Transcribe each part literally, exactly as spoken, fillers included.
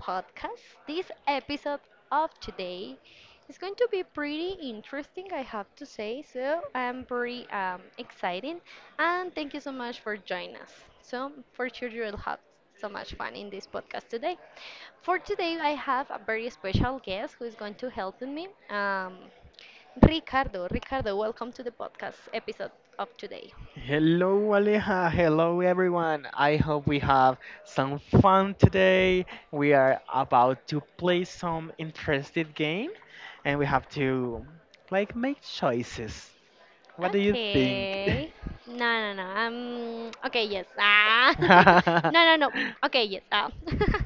podcast. This episode of today is going to be pretty interesting, I have to say. So I'm pretty um, excited, and thank you so much for joining us. So for sure you'll have so much fun in this podcast today. For today, I have a very special guest who is going to help me. Um, Ricardo, Ricardo, welcome to the podcast episode of today. Hello, Aleja. Hello, everyone. I hope we have some fun today. We are about to play some interesting game, and we have to like make choices. What do you think? Okay. No, no, no. Um. Okay. Yes. Ah. Yeah. No, no, no. Okay. Yes. Ah.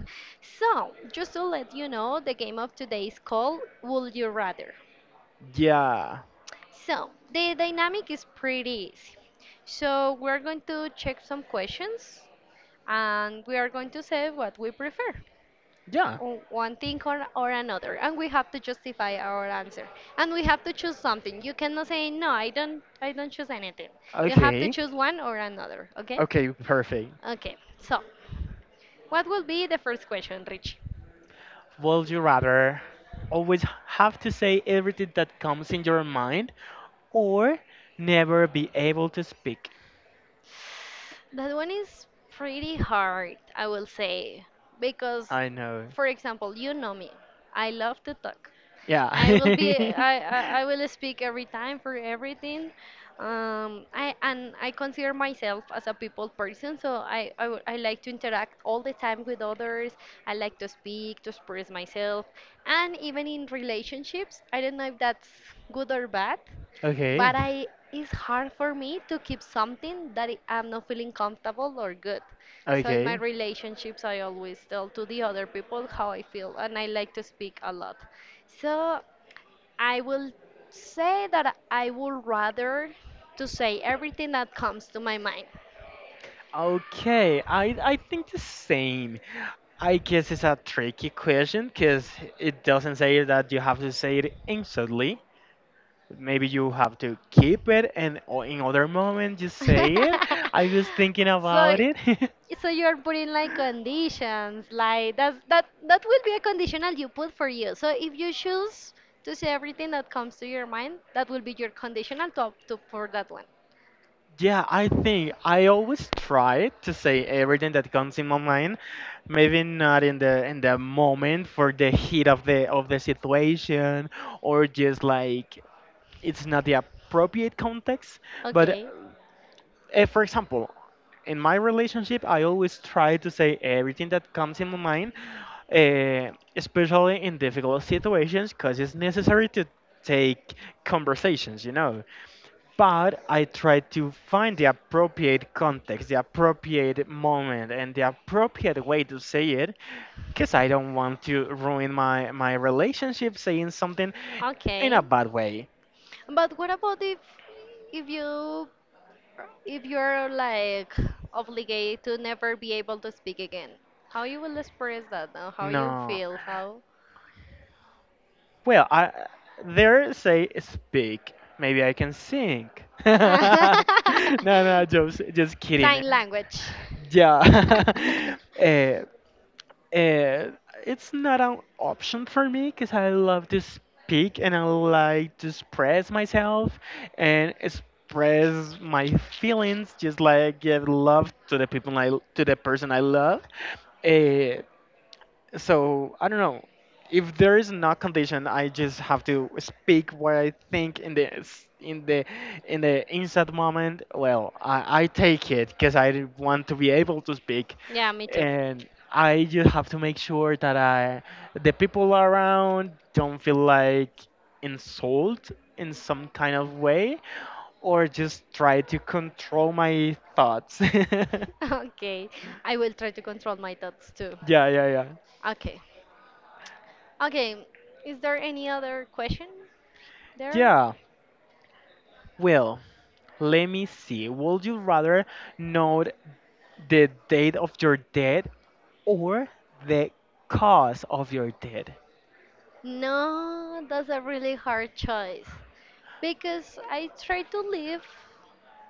So, just to let you know, the game of today is called "Would You Rather." Yeah. So, the dynamic is pretty easy. So, we're going to check some questions, and we are going to say what we prefer on one thing or, or another, and we have to justify our answer, and we have to choose something. You cannot say no, i don't i don't choose anything. You have to Okay. choose one or another. Okay, Okay. Perfect. okay. So what will be the first question, Richie? Would you rather always have to say everything that comes in your mind, or never be able to speak? That one is pretty hard, I will say, because, I know. for example, you know me. I love to talk. Yeah. I will be I, I, I will speak every time for everything. Um, I and I consider myself as a people person, so I, I w- I like to interact all the time with others. I like to speak, to express myself, and even in relationships. I don't know if that's good or bad, but Okay. I it's hard for me to keep something that I- I'm not feeling comfortable or good. So in my Okay. relationships, I always tell to the other people how I feel, and I like to speak a lot. So I will say that I would rather to say everything that comes to my mind. Okay. I I think the same. I guess it's a tricky question because it doesn't say that you have to say it instantly. Maybe you have to keep it, and o- in other moments you say it. I was thinking so about it. So you're putting like conditions, like that's that that will be a conditional you put for you. So if you choose to say everything that comes to your mind, that will be your conditional to, to for that one. Yeah, I think I always try to say everything that comes in my mind, maybe not in the in the moment for the heat of the of the situation or just like it's not the appropriate context, but Okay, uh, for example, in my relationship, I always try to say everything that comes in my mind, uh, especially in difficult situations, because it's necessary to take conversations, you know but I try to find the appropriate context, the appropriate moment, and the appropriate way to say it, because I don't want to ruin my my relationship saying something in a okay. bad way. But what about if if you if you're like obligated to never be able to speak again? How you will express that now? How you No, feel? How? well, I there say speak. Maybe I can sing. No, no, just just kidding. Sign language. Yeah. Eh, Uh, it's not an option for me because I love to speak and I like to express myself and express my feelings, just like give love to the people I to the person I love. Uh, so I don't know. If there is no condition, I just have to speak what I think in the s- in the in the instant moment. Well, I, I take it because I want to be able to speak Yeah, me too. and I just have to make sure that I the people around don't feel like insulted in some kind of way or just try to control my thoughts. Yeah, Okay, I will try to control my thoughts too. yeah, yeah. Okay. Okay, is there any other question there? Yeah. Well, let me see. Would you rather know the date of your death or the cause of your death? No, that's a really hard choice because I try to live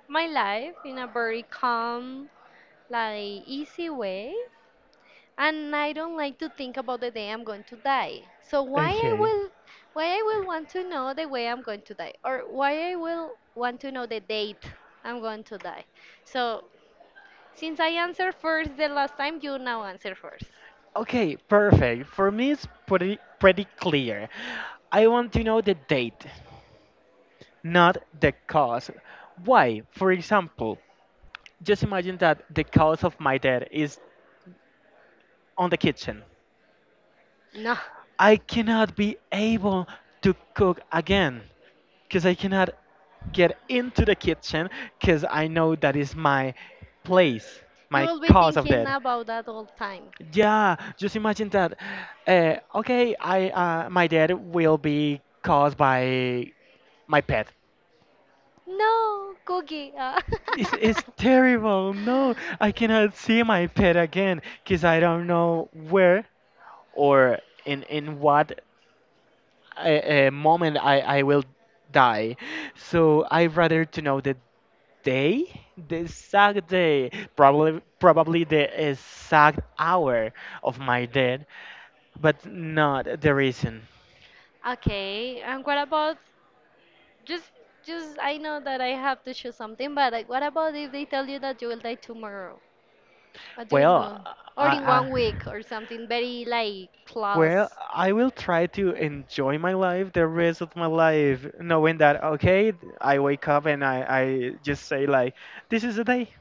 my life in a very calm, like easy way, and I don't like to think about the day I'm going to die. So why I Okay. will why I will want to know the way I'm going to die, or why I will want to know the date I'm going to die. So Since I answered first the last time, you now answer first. Okay, perfect. For me, it's pretty pretty clear. I want to know the date, not the cause. Why? For example, just imagine that the cause of my death is on the kitchen. No, I cannot be able to cook again because I cannot get into the kitchen because I know that is my place, you my will be cause of thinking death. about that all time. Yeah, just imagine that. Uh, okay, I uh, my death will be caused by my pet. No, cookie. uh. It's, it's terrible. No, I cannot see my pet again because I don't know where or in in what uh, uh, moment I, I will die. So I rather to know the day, the exact day, probably probably the exact hour of my death, but not the reason. Okay, and what about just just I know that I have to choose something, but like, what about if they tell you that you will die tomorrow? What you will Well, do? Or I, in one I, week or something very like well, close. I will try to enjoy my life the rest of my life, knowing that okay, I wake up and I, I just say like, this is the day.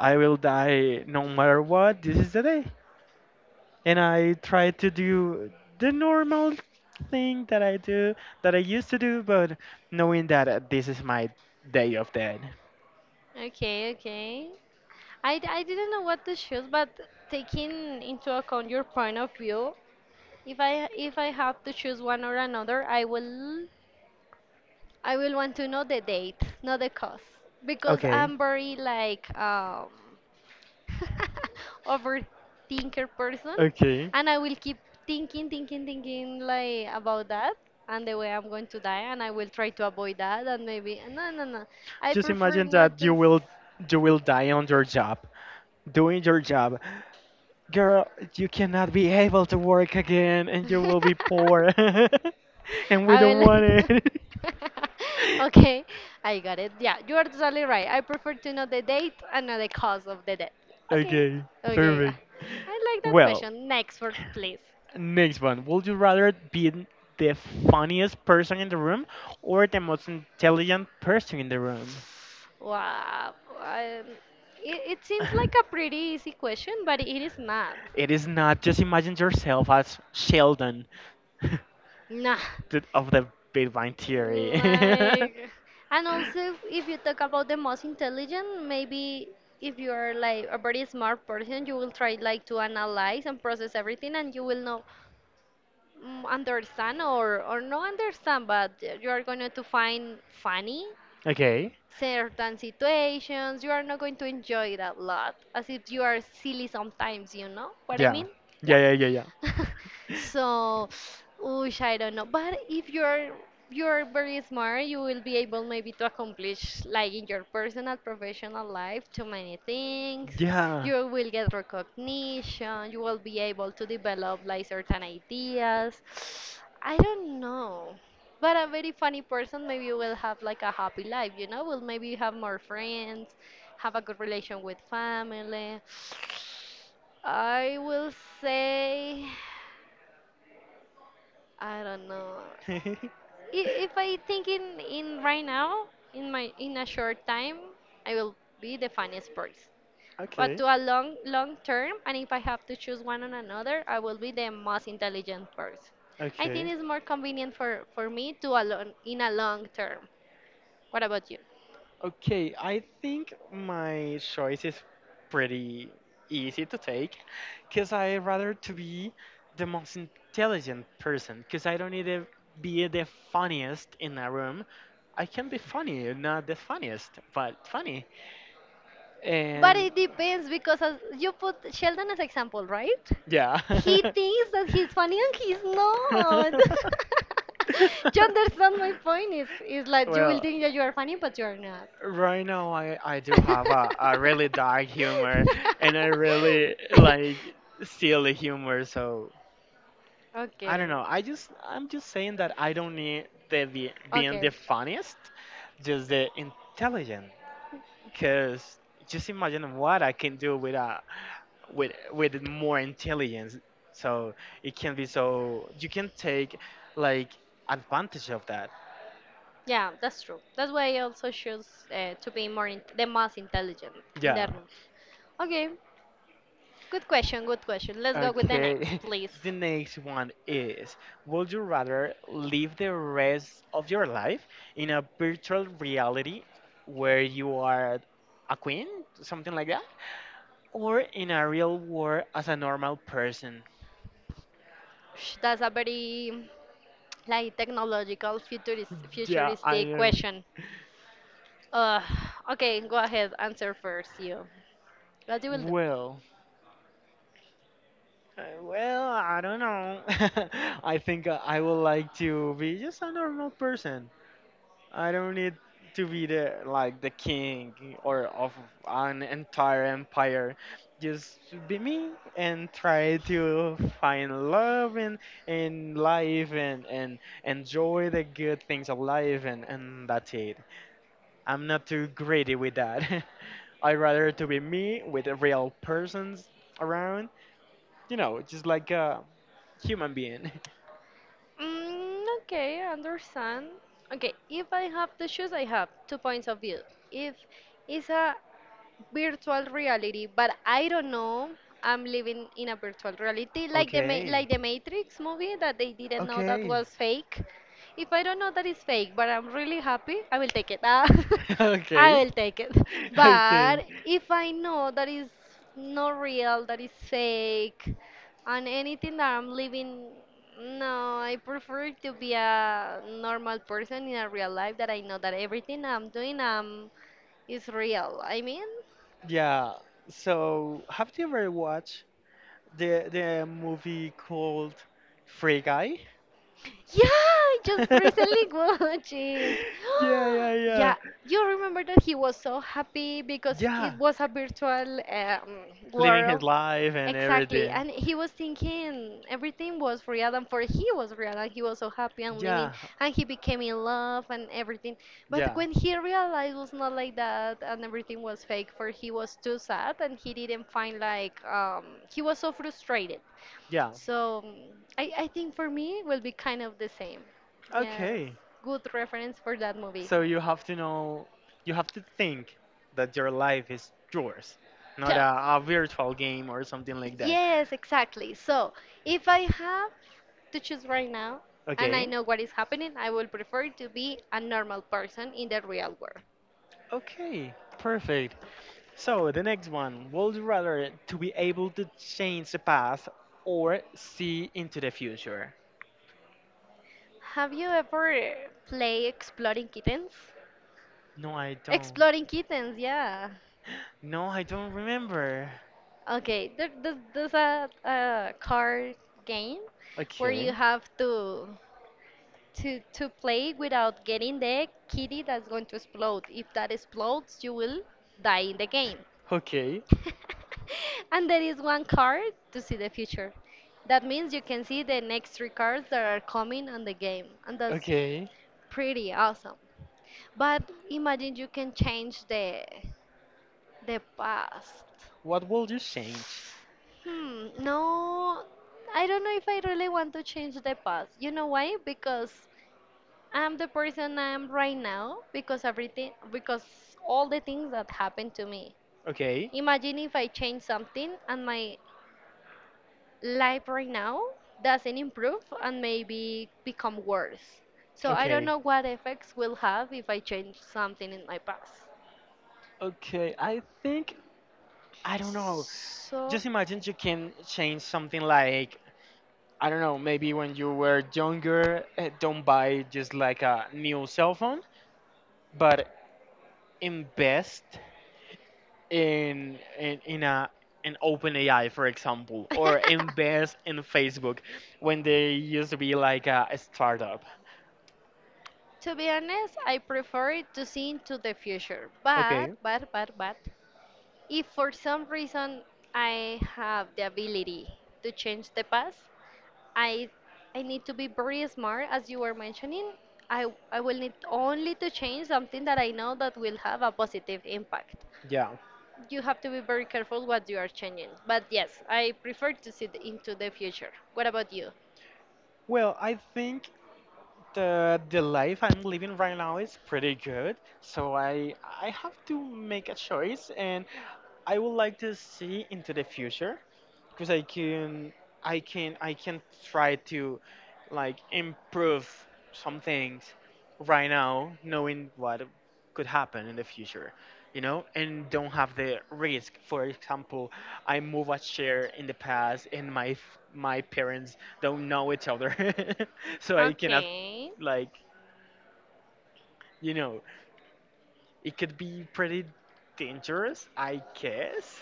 I will die no matter what. This is the day, and I try to do the normal thing that I do that I used to do, but knowing that uh, this is my day of death. Okay, okay. I, d- I didn't know what to choose, but taking into account your point of view, if I if I have to choose one or another, I will I will want to know the date, not the cost, because Okay. I'm very like um overthinker person, Okay. and I will keep thinking, thinking, thinking like about that and the way I'm going to die, and I will try to avoid that, and maybe no, no, no. I Just prefer imagine not that you just. will you will die on your job, doing your job. Girl, you cannot be able to work again and you will be poor. And we I don't want will. it. Okay, I got it. Yeah, you are totally right. I prefer to know the date and not the cause of the death. Okay, Okay, okay. Yeah. perfect. I like that Well, question. Next word, please. next one. Would you rather be the funniest person in the room or the most intelligent person in the room? Wow. Um, it, it seems like a pretty easy question, but it is not. It is not. Just imagine yourself as Sheldon. Nah. the, of the Big Bang Theory. Like, and also if you talk about the most intelligent, maybe if you are like a very smart person, you will try like to analyze and process everything, and you will know, mm, understand or or not understand, but you are going to find funny Okay. certain situations. You are not going to enjoy it a lot, as if you are silly sometimes, you know what I Yeah. mean? Yeah. Yeah. Yeah. Yeah. So, oosh, I don't know. But if you're you're very smart, you will be able maybe to accomplish, like in your personal, professional life, too many things. Yeah. Yeah. You will get recognition, you will be able to develop like certain ideas. I don't know, but a very funny person maybe will have like a happy life you know will maybe have more friends, have a good relation with family. I will say, I don't know. I- if I think in in right now in my in a short time, I will be the funniest person, but Okay. to a long, long term, and if I have to choose one on another, I will be the most intelligent person. I think Okay. it's more convenient for, for me to alone in a long term. What about you? Okay, I think my choice is pretty easy to take because I rather to be the most intelligent person because I don't need to be the funniest in a room. I can be funny, not the funniest, but funny. But But and it depends because, as you put Sheldon as example, right? yeah. He He thinks that he's funny and he's doesn't not. You understand my point? Is is like you will well, think that you are funny, but you are not. you're right now I, I do have a, a really dark humor and I really like silly humor so I don't Okay. know I just I'm just saying that I don't need the, the being the Okay. funniest just the intelligent cause just imagine what I can do with a with with more intelligence. So it can be so you can take like advantage of that. Yeah, that's true. That's why I also choose uh, to be more in the most intelligent in the Yeah. room. Okay, good question, good question. Let's go with the next, Okay. please. The next one is would you rather live the rest of your life in a virtual reality where you are a queen, something like that, or in a real world as a normal person? Sh- That's a very like technological, futuris Yeah, I futuristic am. question. Uh, okay, go ahead, answer first, you. What you will do? Well, Uh, well, I don't know. I think uh, I would like to be just a normal person. I don't need to be the like the king or of an entire empire. Just be me and try to find love in in life and and enjoy the good things of life and and that's it. I'm not too greedy with that. I rather to be me with the real persons around you know, just like a human being. Mm, okay, I understand. Okay, if I have the shoes, I have two points of view. If it's a virtual reality, but I don't know, I'm living in a virtual reality like the Ma- Okay. like the Matrix movie, that they didn't know that Okay. was fake. If I don't know that it's fake, but I'm really happy, I will take it. Ah, I Okay. will take it. Okay. But if I know that is not real, that is fake, and anything that I'm living, no, I prefer to be a normal person in a real life that I know that everything I'm doing um is real. I mean, Yeah. So, have you ever watched the the movie called Free Guy? yeah, I just Yeah, recently watched it. yeah, yeah. Yeah, you remember that he was so happy because Yeah. it was a virtual um, Living his world. life and Exactly, everything. and he was thinking everything was real, and for he was real, and he was so happy and living, Yeah. and he became in love and everything. But Yeah. when he realized it was not like that, and everything was fake, for he was too sad, and he didn't find like um, he was so frustrated, Yeah. so mm, I, I think for me will be kind of the same. Yes, Okay. good reference for that movie. So you have to know, you have to think that your life is yours, So, not a, a virtual game or something like that. yes, exactly. So if I have to choose right now, and I Okay. know what is happening, I will prefer to be a normal person in the real world. Okay. Perfect. So the next one, would you rather to be able to change the past or see into the future? Have you ever played Exploding Kittens? No, I don't. Exploding Kittens, yeah. No, I don't remember. Okay, there, there, there's a, a card game where Okay. you have to to to play without getting the kitty that's going to explode. If that explodes, you will die in the game. Okay. And there is one card to see the future. That means you can see the next three cards that are coming on the game, and that's Okay. pretty awesome. But imagine you can change the the past. What will you change? Hmm, no, I don't know if I really want to change the past. You know why? Because I'm the person I am right now because everything, because all the things that happened to me. Okay. Imagine if I change something and my life right now doesn't improve and maybe become worse. So I don't Okay. know what effects will have if I change something in my past. Okay. I think I don't know. So Just imagine you can change something like I don't know. Maybe when you were younger, eh, don't buy just like a new cell phone, but invest in in, in a in OpenAI, for example, or invest in Facebook when they used to be like a, a startup. To be honest, I prefer it to see into the future. But, but, but, but, if for some reason I have the ability to change the past, I I need to be very smart, as you were mentioning. I I will need only to change something that I know that will have a positive impact. Yeah. You have to be very careful what you are changing. But yes, I prefer to see the- into the future. What about you? Well, I think the the life I'm living right now is pretty good. So I I have to make a choice and I would like to see into the future because I can I can I can try to like improve some things right now, knowing what could happen in the future, you know, and don't have the risk. For example, I move a chair in the past, and my f- my parents don't know each other, so I cannot It like you know it could be pretty dangerous I guess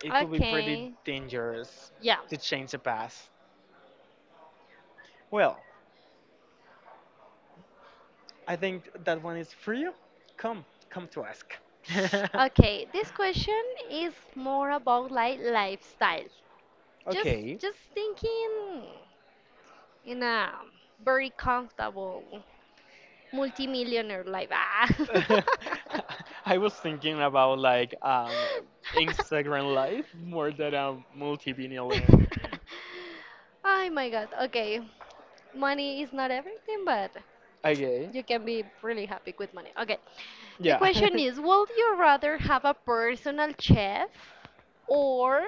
it could be pretty dangerous Yeah. to change the past. Well, I think that one is for you. Come, come to ask. Okay, this question is more about like lifestyle. Okay. Just thinking in a very comfortable multimillionaire life. Ah. I was thinking about like um, Instagram Live more than a multi-billionaire. Oh my god. Okay. Money is not everything, but Okay. you can be really happy with money. Okay. The Yeah. question is, would you rather have a personal chef or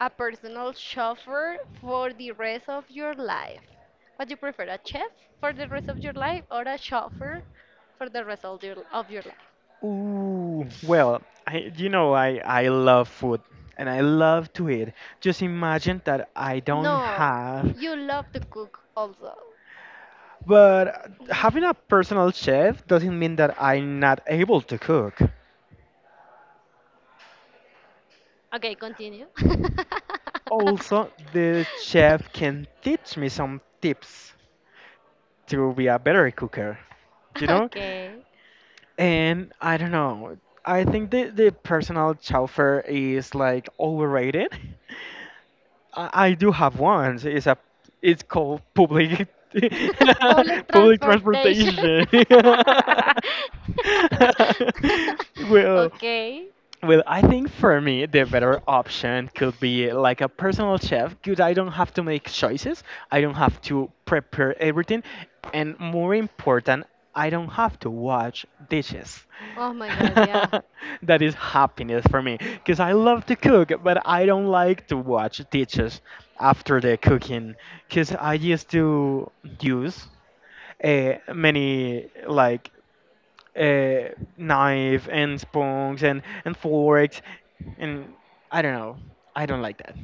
a personal chauffeur for the rest of your life? What do you prefer, a chef for the rest of your life or a chauffeur for the rest of your, of your life? Ooh, well, I you know I I love food and I love to eat. Just imagine that I don't No, have. you love to cook also. But having a personal chef doesn't mean that I'm not able to cook. Okay, continue. Also, the chef can teach me some tips to be a better cooker, you know? Okay. And I don't know. I think the, the personal chauffeur is like overrated. I, I do have one. So It's a it's called public Public public transportation. transportation. well, Okay. well, I think for me the better option could be like a personal chef, because I don't have to make choices, I don't have to prepare everything, and more important, I don't have to wash dishes. Oh my God, yeah. That is happiness for me because I love to cook, but I don't like to watch dishes after the cooking because I used to use uh, many like uh, knife and spoons and and forks and I don't know. I don't like that.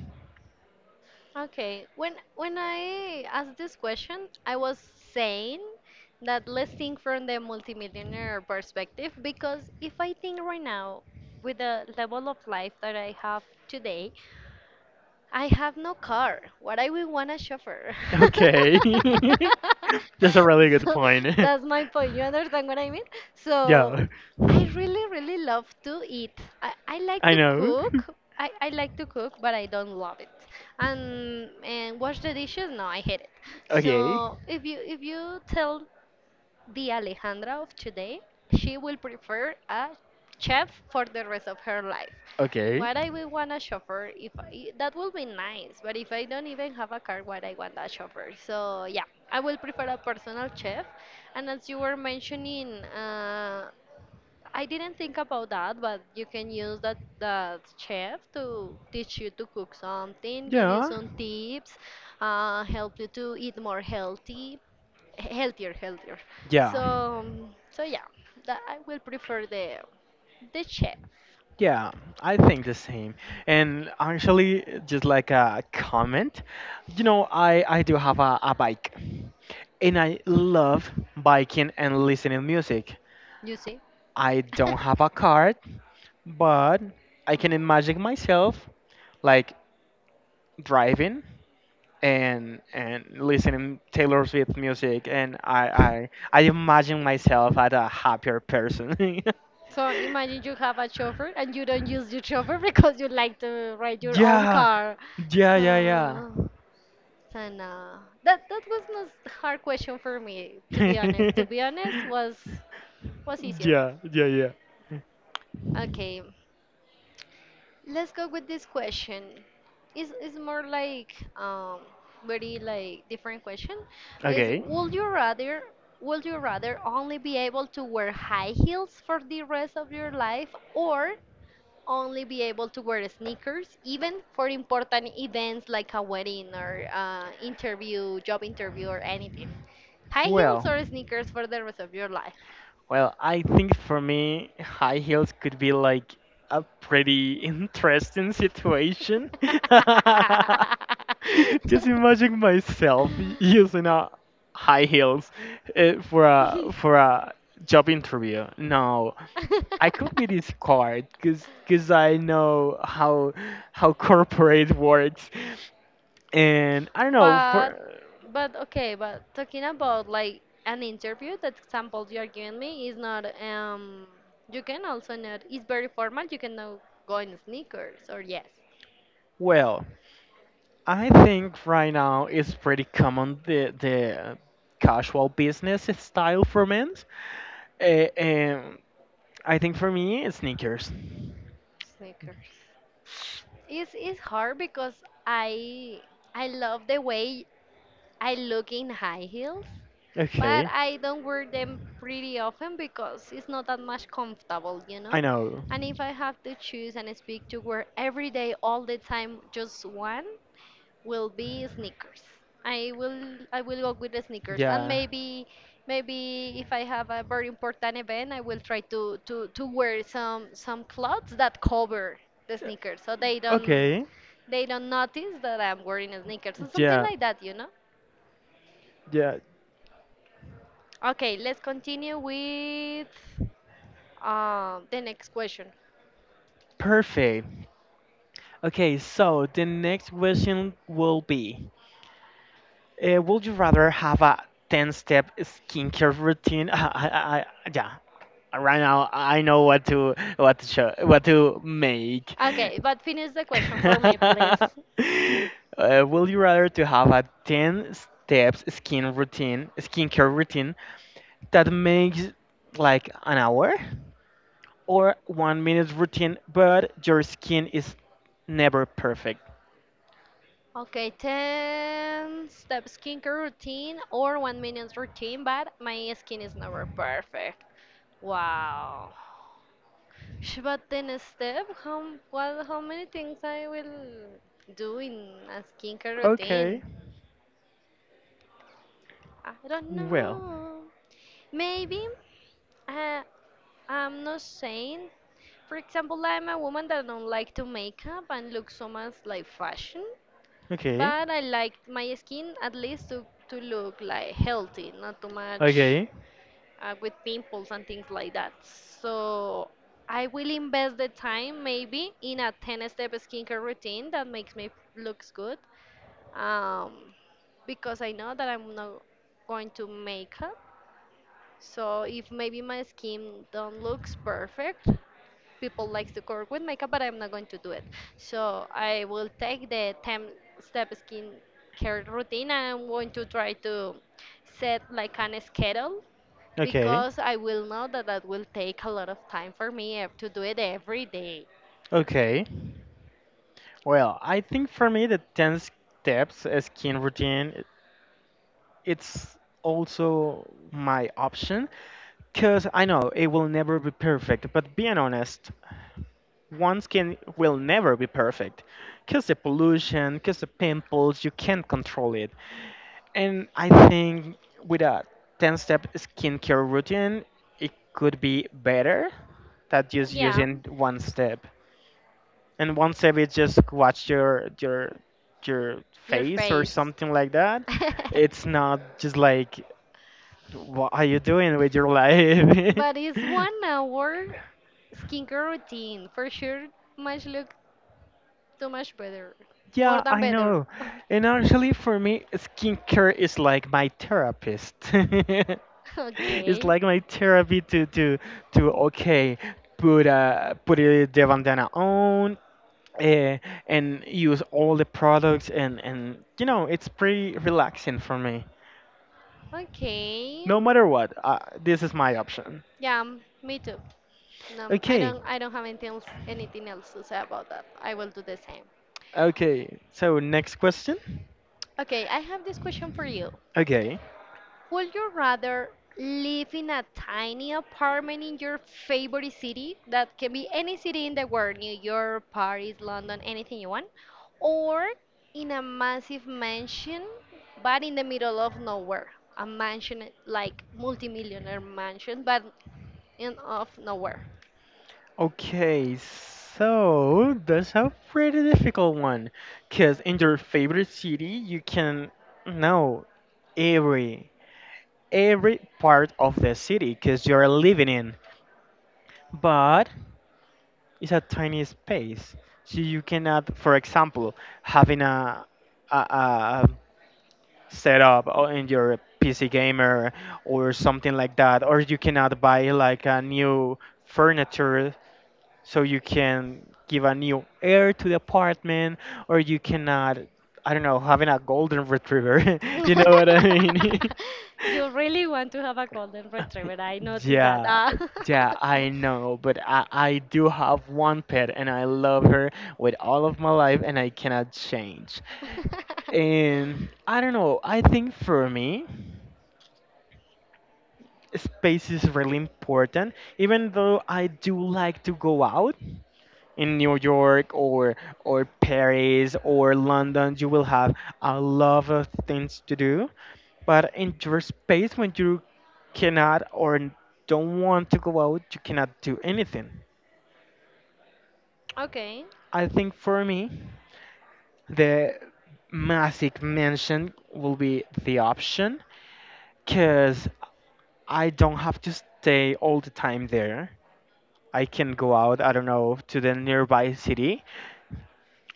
Okay. When when I asked this question, I was saying that let's think from the multimillionaire perspective, because if I think right now with the level of life that I have today, I have no car. What I will want a chauffeur. Okay, that's a really good So point. that's my point. You understand what I mean? So Yeah, I really, really love to eat. I, I like I to know. cook. I, I like to cook, but I don't love it. And and wash the dishes? No, I hate it. Okay, So if you if you tell the Alejandra of today, she will prefer a chef for the rest of her life. okay. What I will want a chauffeur if I, that will be nice, but if I don't even have a car, what I want a chauffeur. So yeah, I will prefer a personal chef. And as you were mentioning, uh, I didn't think about that, but you can use that that chef to teach you to cook something, give you Yeah, some tips, uh, help you to eat more healthy, healthier, healthier. yeah. So, um, so yeah, that I will prefer the the chef. Yeah, I think the same. And actually, just like a comment, you know, I, I do have a, a bike and I love biking and listening music. You see. I don't have a car, but I can imagine myself like driving and and listening Taylor Swift music and I I, I imagine myself as a happier person. So imagine you have a chauffeur and you don't use your chauffeur because you like to ride your own Yeah, car. yeah, yeah, yeah. So, so no, that that was not a hard question for me. To be honest, to be honest, was was easier. Yeah, yeah, yeah. Okay, let's go with this question. It's, it's more like, um very like different question. Is, Okay. would you rather would you rather only be able to wear high heels for the rest of your life or only be able to wear sneakers even for important events like a wedding or, uh, interview, job interview or anything? High Well, heels or sneakers for the rest of your life? Well, I think for me, high heels could be like a pretty interesting situation. Just imagine myself y- using a high heels uh, for a for a job interview. No, I could be this card because because I know how how corporate works, and I don't know but for but okay, but talking about like an interview, that example you are giving me is not, um you can also not, it's very formal, you can now go in sneakers or yes. well. I think right now it's pretty common the the casual business style for men. Eh, and I think for me it's sneakers. Sneakers, it's it's hard because i i love the way I look in high heels, but Okay, I don't wear them pretty often because it's not that much comfortable, you know? I know. And if I have to choose and speak to wear every day, all the time, just one will be sneakers. I will I will go with the sneakers and Yeah. maybe maybe if I have a very important event, I will try to, to, to wear some some clothes that cover the sneakers so they don't Okay. they don't notice that I'm wearing sneakers or something Yeah, like that, you know? yeah, Okay, let's continue with, uh, the next question. perfect. Okay, so the next question will be: uh, would you rather have a ten-step skincare routine? I, I, I, yeah. Right now, I know what to what to show, what to make. Okay, but finish the question for me, please. Uh, will you rather to have a ten steps skin routine skincare routine that makes like an hour or one minute routine, but your skin is never perfect. Okay, ten step skincare routine or one minute routine, but my skin is never perfect. Wow. Sh- But ten step, how, what, how many things I will do in a skincare Okay. routine? I don't Well, know. Maybe, uh, I'm not saying. For example, I'm a woman that don't like to make up and look so much like fashion, okay. but I like my skin at least to, to look like healthy, not too much, Okay. uh, with pimples and things like that. So I will invest the time maybe in a ten-step skincare routine that makes me looks good, um, because I know that I'm not going to make up. So if maybe my skin don't looks perfect, people likes to work with makeup, but I'm not going to do it. So I will take the ten step skin care routine and I'm going to try to set like an schedule Okay. because I will know that that will take a lot of time for me, uh, to do it every day. Okay. Well, I think for me the ten steps uh, skin routine it's also my option cuz I know it will never be perfect, but being honest, one skin will never be perfect because the pollution, because the pimples you can't control it. And I think with a ten step skincare routine it could be better than just Yeah, using one step, and one step is just watch your your your your face or face. something like that. It's not just like what are you doing with your life. But it's one hour skincare routine. For sure, much look. Too much better. More Yeah, than I better. know. And actually, for me, skincare is like my therapist. It's Okay. like my therapy to to to okay, put uh put uh, the bandana on. Uh, and use all the products and and you know it's pretty relaxing for me Okay. no matter what. Uh, this is my option. Yeah, m- me too. No, I Okay, don't I don't have anything else, anything else to say about that. I will do the same. okay, so next question. Okay, I have this question for you. Okay. Would you rather live in a tiny apartment in your favorite city, that can be any city in the world, New York, Paris, London, anything you want, or in a massive mansion but in the middle of nowhere? A mansion like multimillionaire mansion but in of nowhere. Okay, so that's a pretty difficult one. Because in your favorite city, you can know every every part of the city because you're living in. But it's a tiny space, so you cannot, for example, having a a, a setup o- in your P C gamer or something like that, or you cannot buy like a new furniture so you can give a new air to the apartment, or you cannot, I don't know, having a golden retriever. You know what I mean? You really want to have a golden retriever. I noticed that. Yeah, Ah. yeah, I know. But I, I do have one pet and I love her with all of my life, and I cannot change. And I don't know, I think for me space is really important even though I do like to go out. In New York or or Paris or London, you will have a lot of things to do. But in your space, when you cannot or n- don't want to go out, you cannot do anything. Okay. I think for me, the massive mansion will be the option because I don't have to stay all the time there. I can go out, I don't know, to the nearby city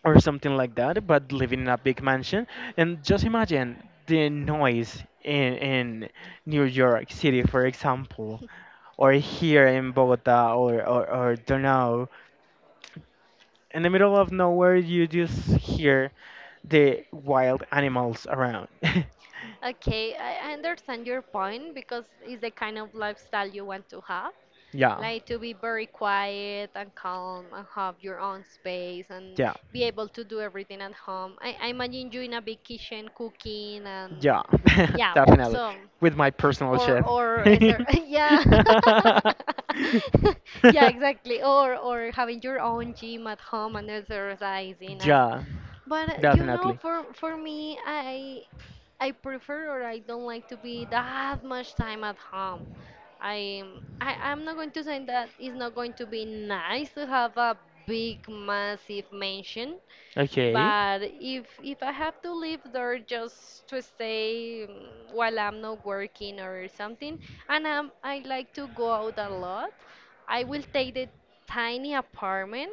or something like that, but living in a big mansion. And just imagine the noise in, in New York City, for example, or here in Bogota, or, or, or don't know. In the middle of nowhere, you just hear the wild animals around. Okay, I I understand your point, because it's the kind of lifestyle you want to have, Yeah, like to be very quiet and calm and have your own space and yeah, be able to do everything at home. I, I imagine you in a big kitchen cooking and yeah. yeah, Definitely. so With my personal or chef. or is there yeah. Yeah, exactly. Or or having your own gym at home and exercising and Yeah, but, uh, you know, definitely. for for me I I prefer or I don't like to be that much time at home. I, I I'm not going to say that it's not going to be nice to have a big massive mansion, Okay. but if if I have to live there just to stay, mm, while I'm not working or something, and I'm, I like to go out a lot, I will take the tiny apartment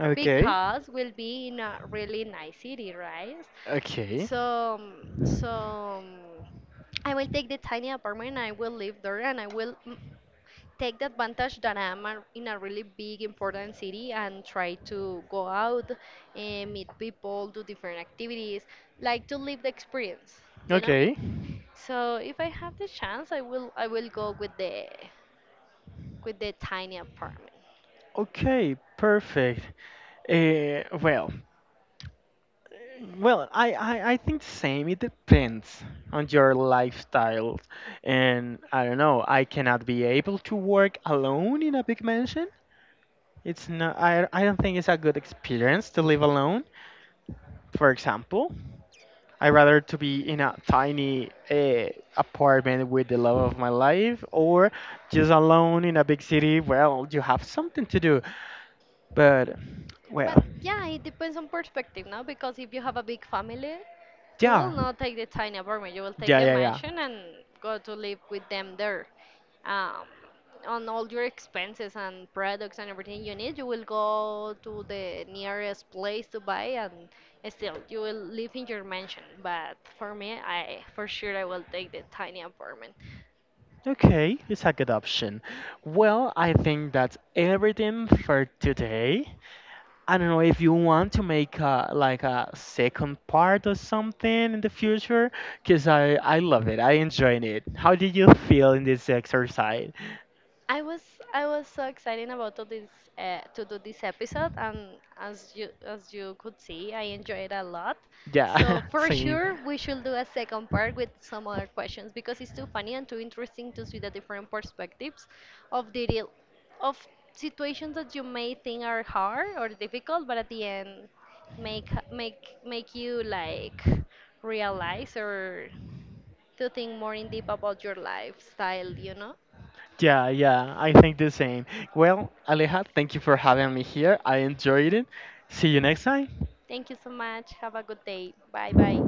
Okay, because we'll be in a really nice city, right? okay. So, um, so um, I will take the tiny apartment, I will live there and I will, mm, take the advantage that I'm a- in a really big, important city and try to go out and meet people, do different activities, like to live the experience, you know? Okay. So if I have the chance, I will I will go with the with the tiny apartment. Okay, perfect. Uh, well, eh, well, I, I, I think the same. It depends on your lifestyle, and I don't know. I cannot be able to work alone in a big mansion. It's not. I I don't think it's a good experience to live alone. For example, I rather to be in a tiny uh, apartment with the love of my life, or just alone in a big city. Well, you have something to do, but But well, yeah, it depends on perspective now, because if you have a big family, you will yeah, not take the tiny apartment. You will take yeah, the yeah, yeah. mansion and go to live with them there. Um, on all your expenses and products and everything you need, you will go to the nearest place to buy, and still you will live in your mansion. But for me, I for sure I will take the tiny apartment. Okay, it's a good option. Well, I think that's everything for today. I don't know if you want to make a, like a second part or something in the future, because I, I love it. I enjoyed it. How did you feel in this exercise? I was I was so excited about to this, uh, to do this episode, and as you as you could see, I enjoyed it a lot. Yeah, So for same. sure, we should do a second part with some other questions because it's too funny and too interesting to see the different perspectives of the real, of situations that you may think are hard or difficult, but at the end make make make you like realize or to think more in deep about your lifestyle, you know? Yeah, yeah, I think the same. Well, Aleja, thank you for having me here. I enjoyed it. See you next time. Thank you so much. Have a good day. Bye bye.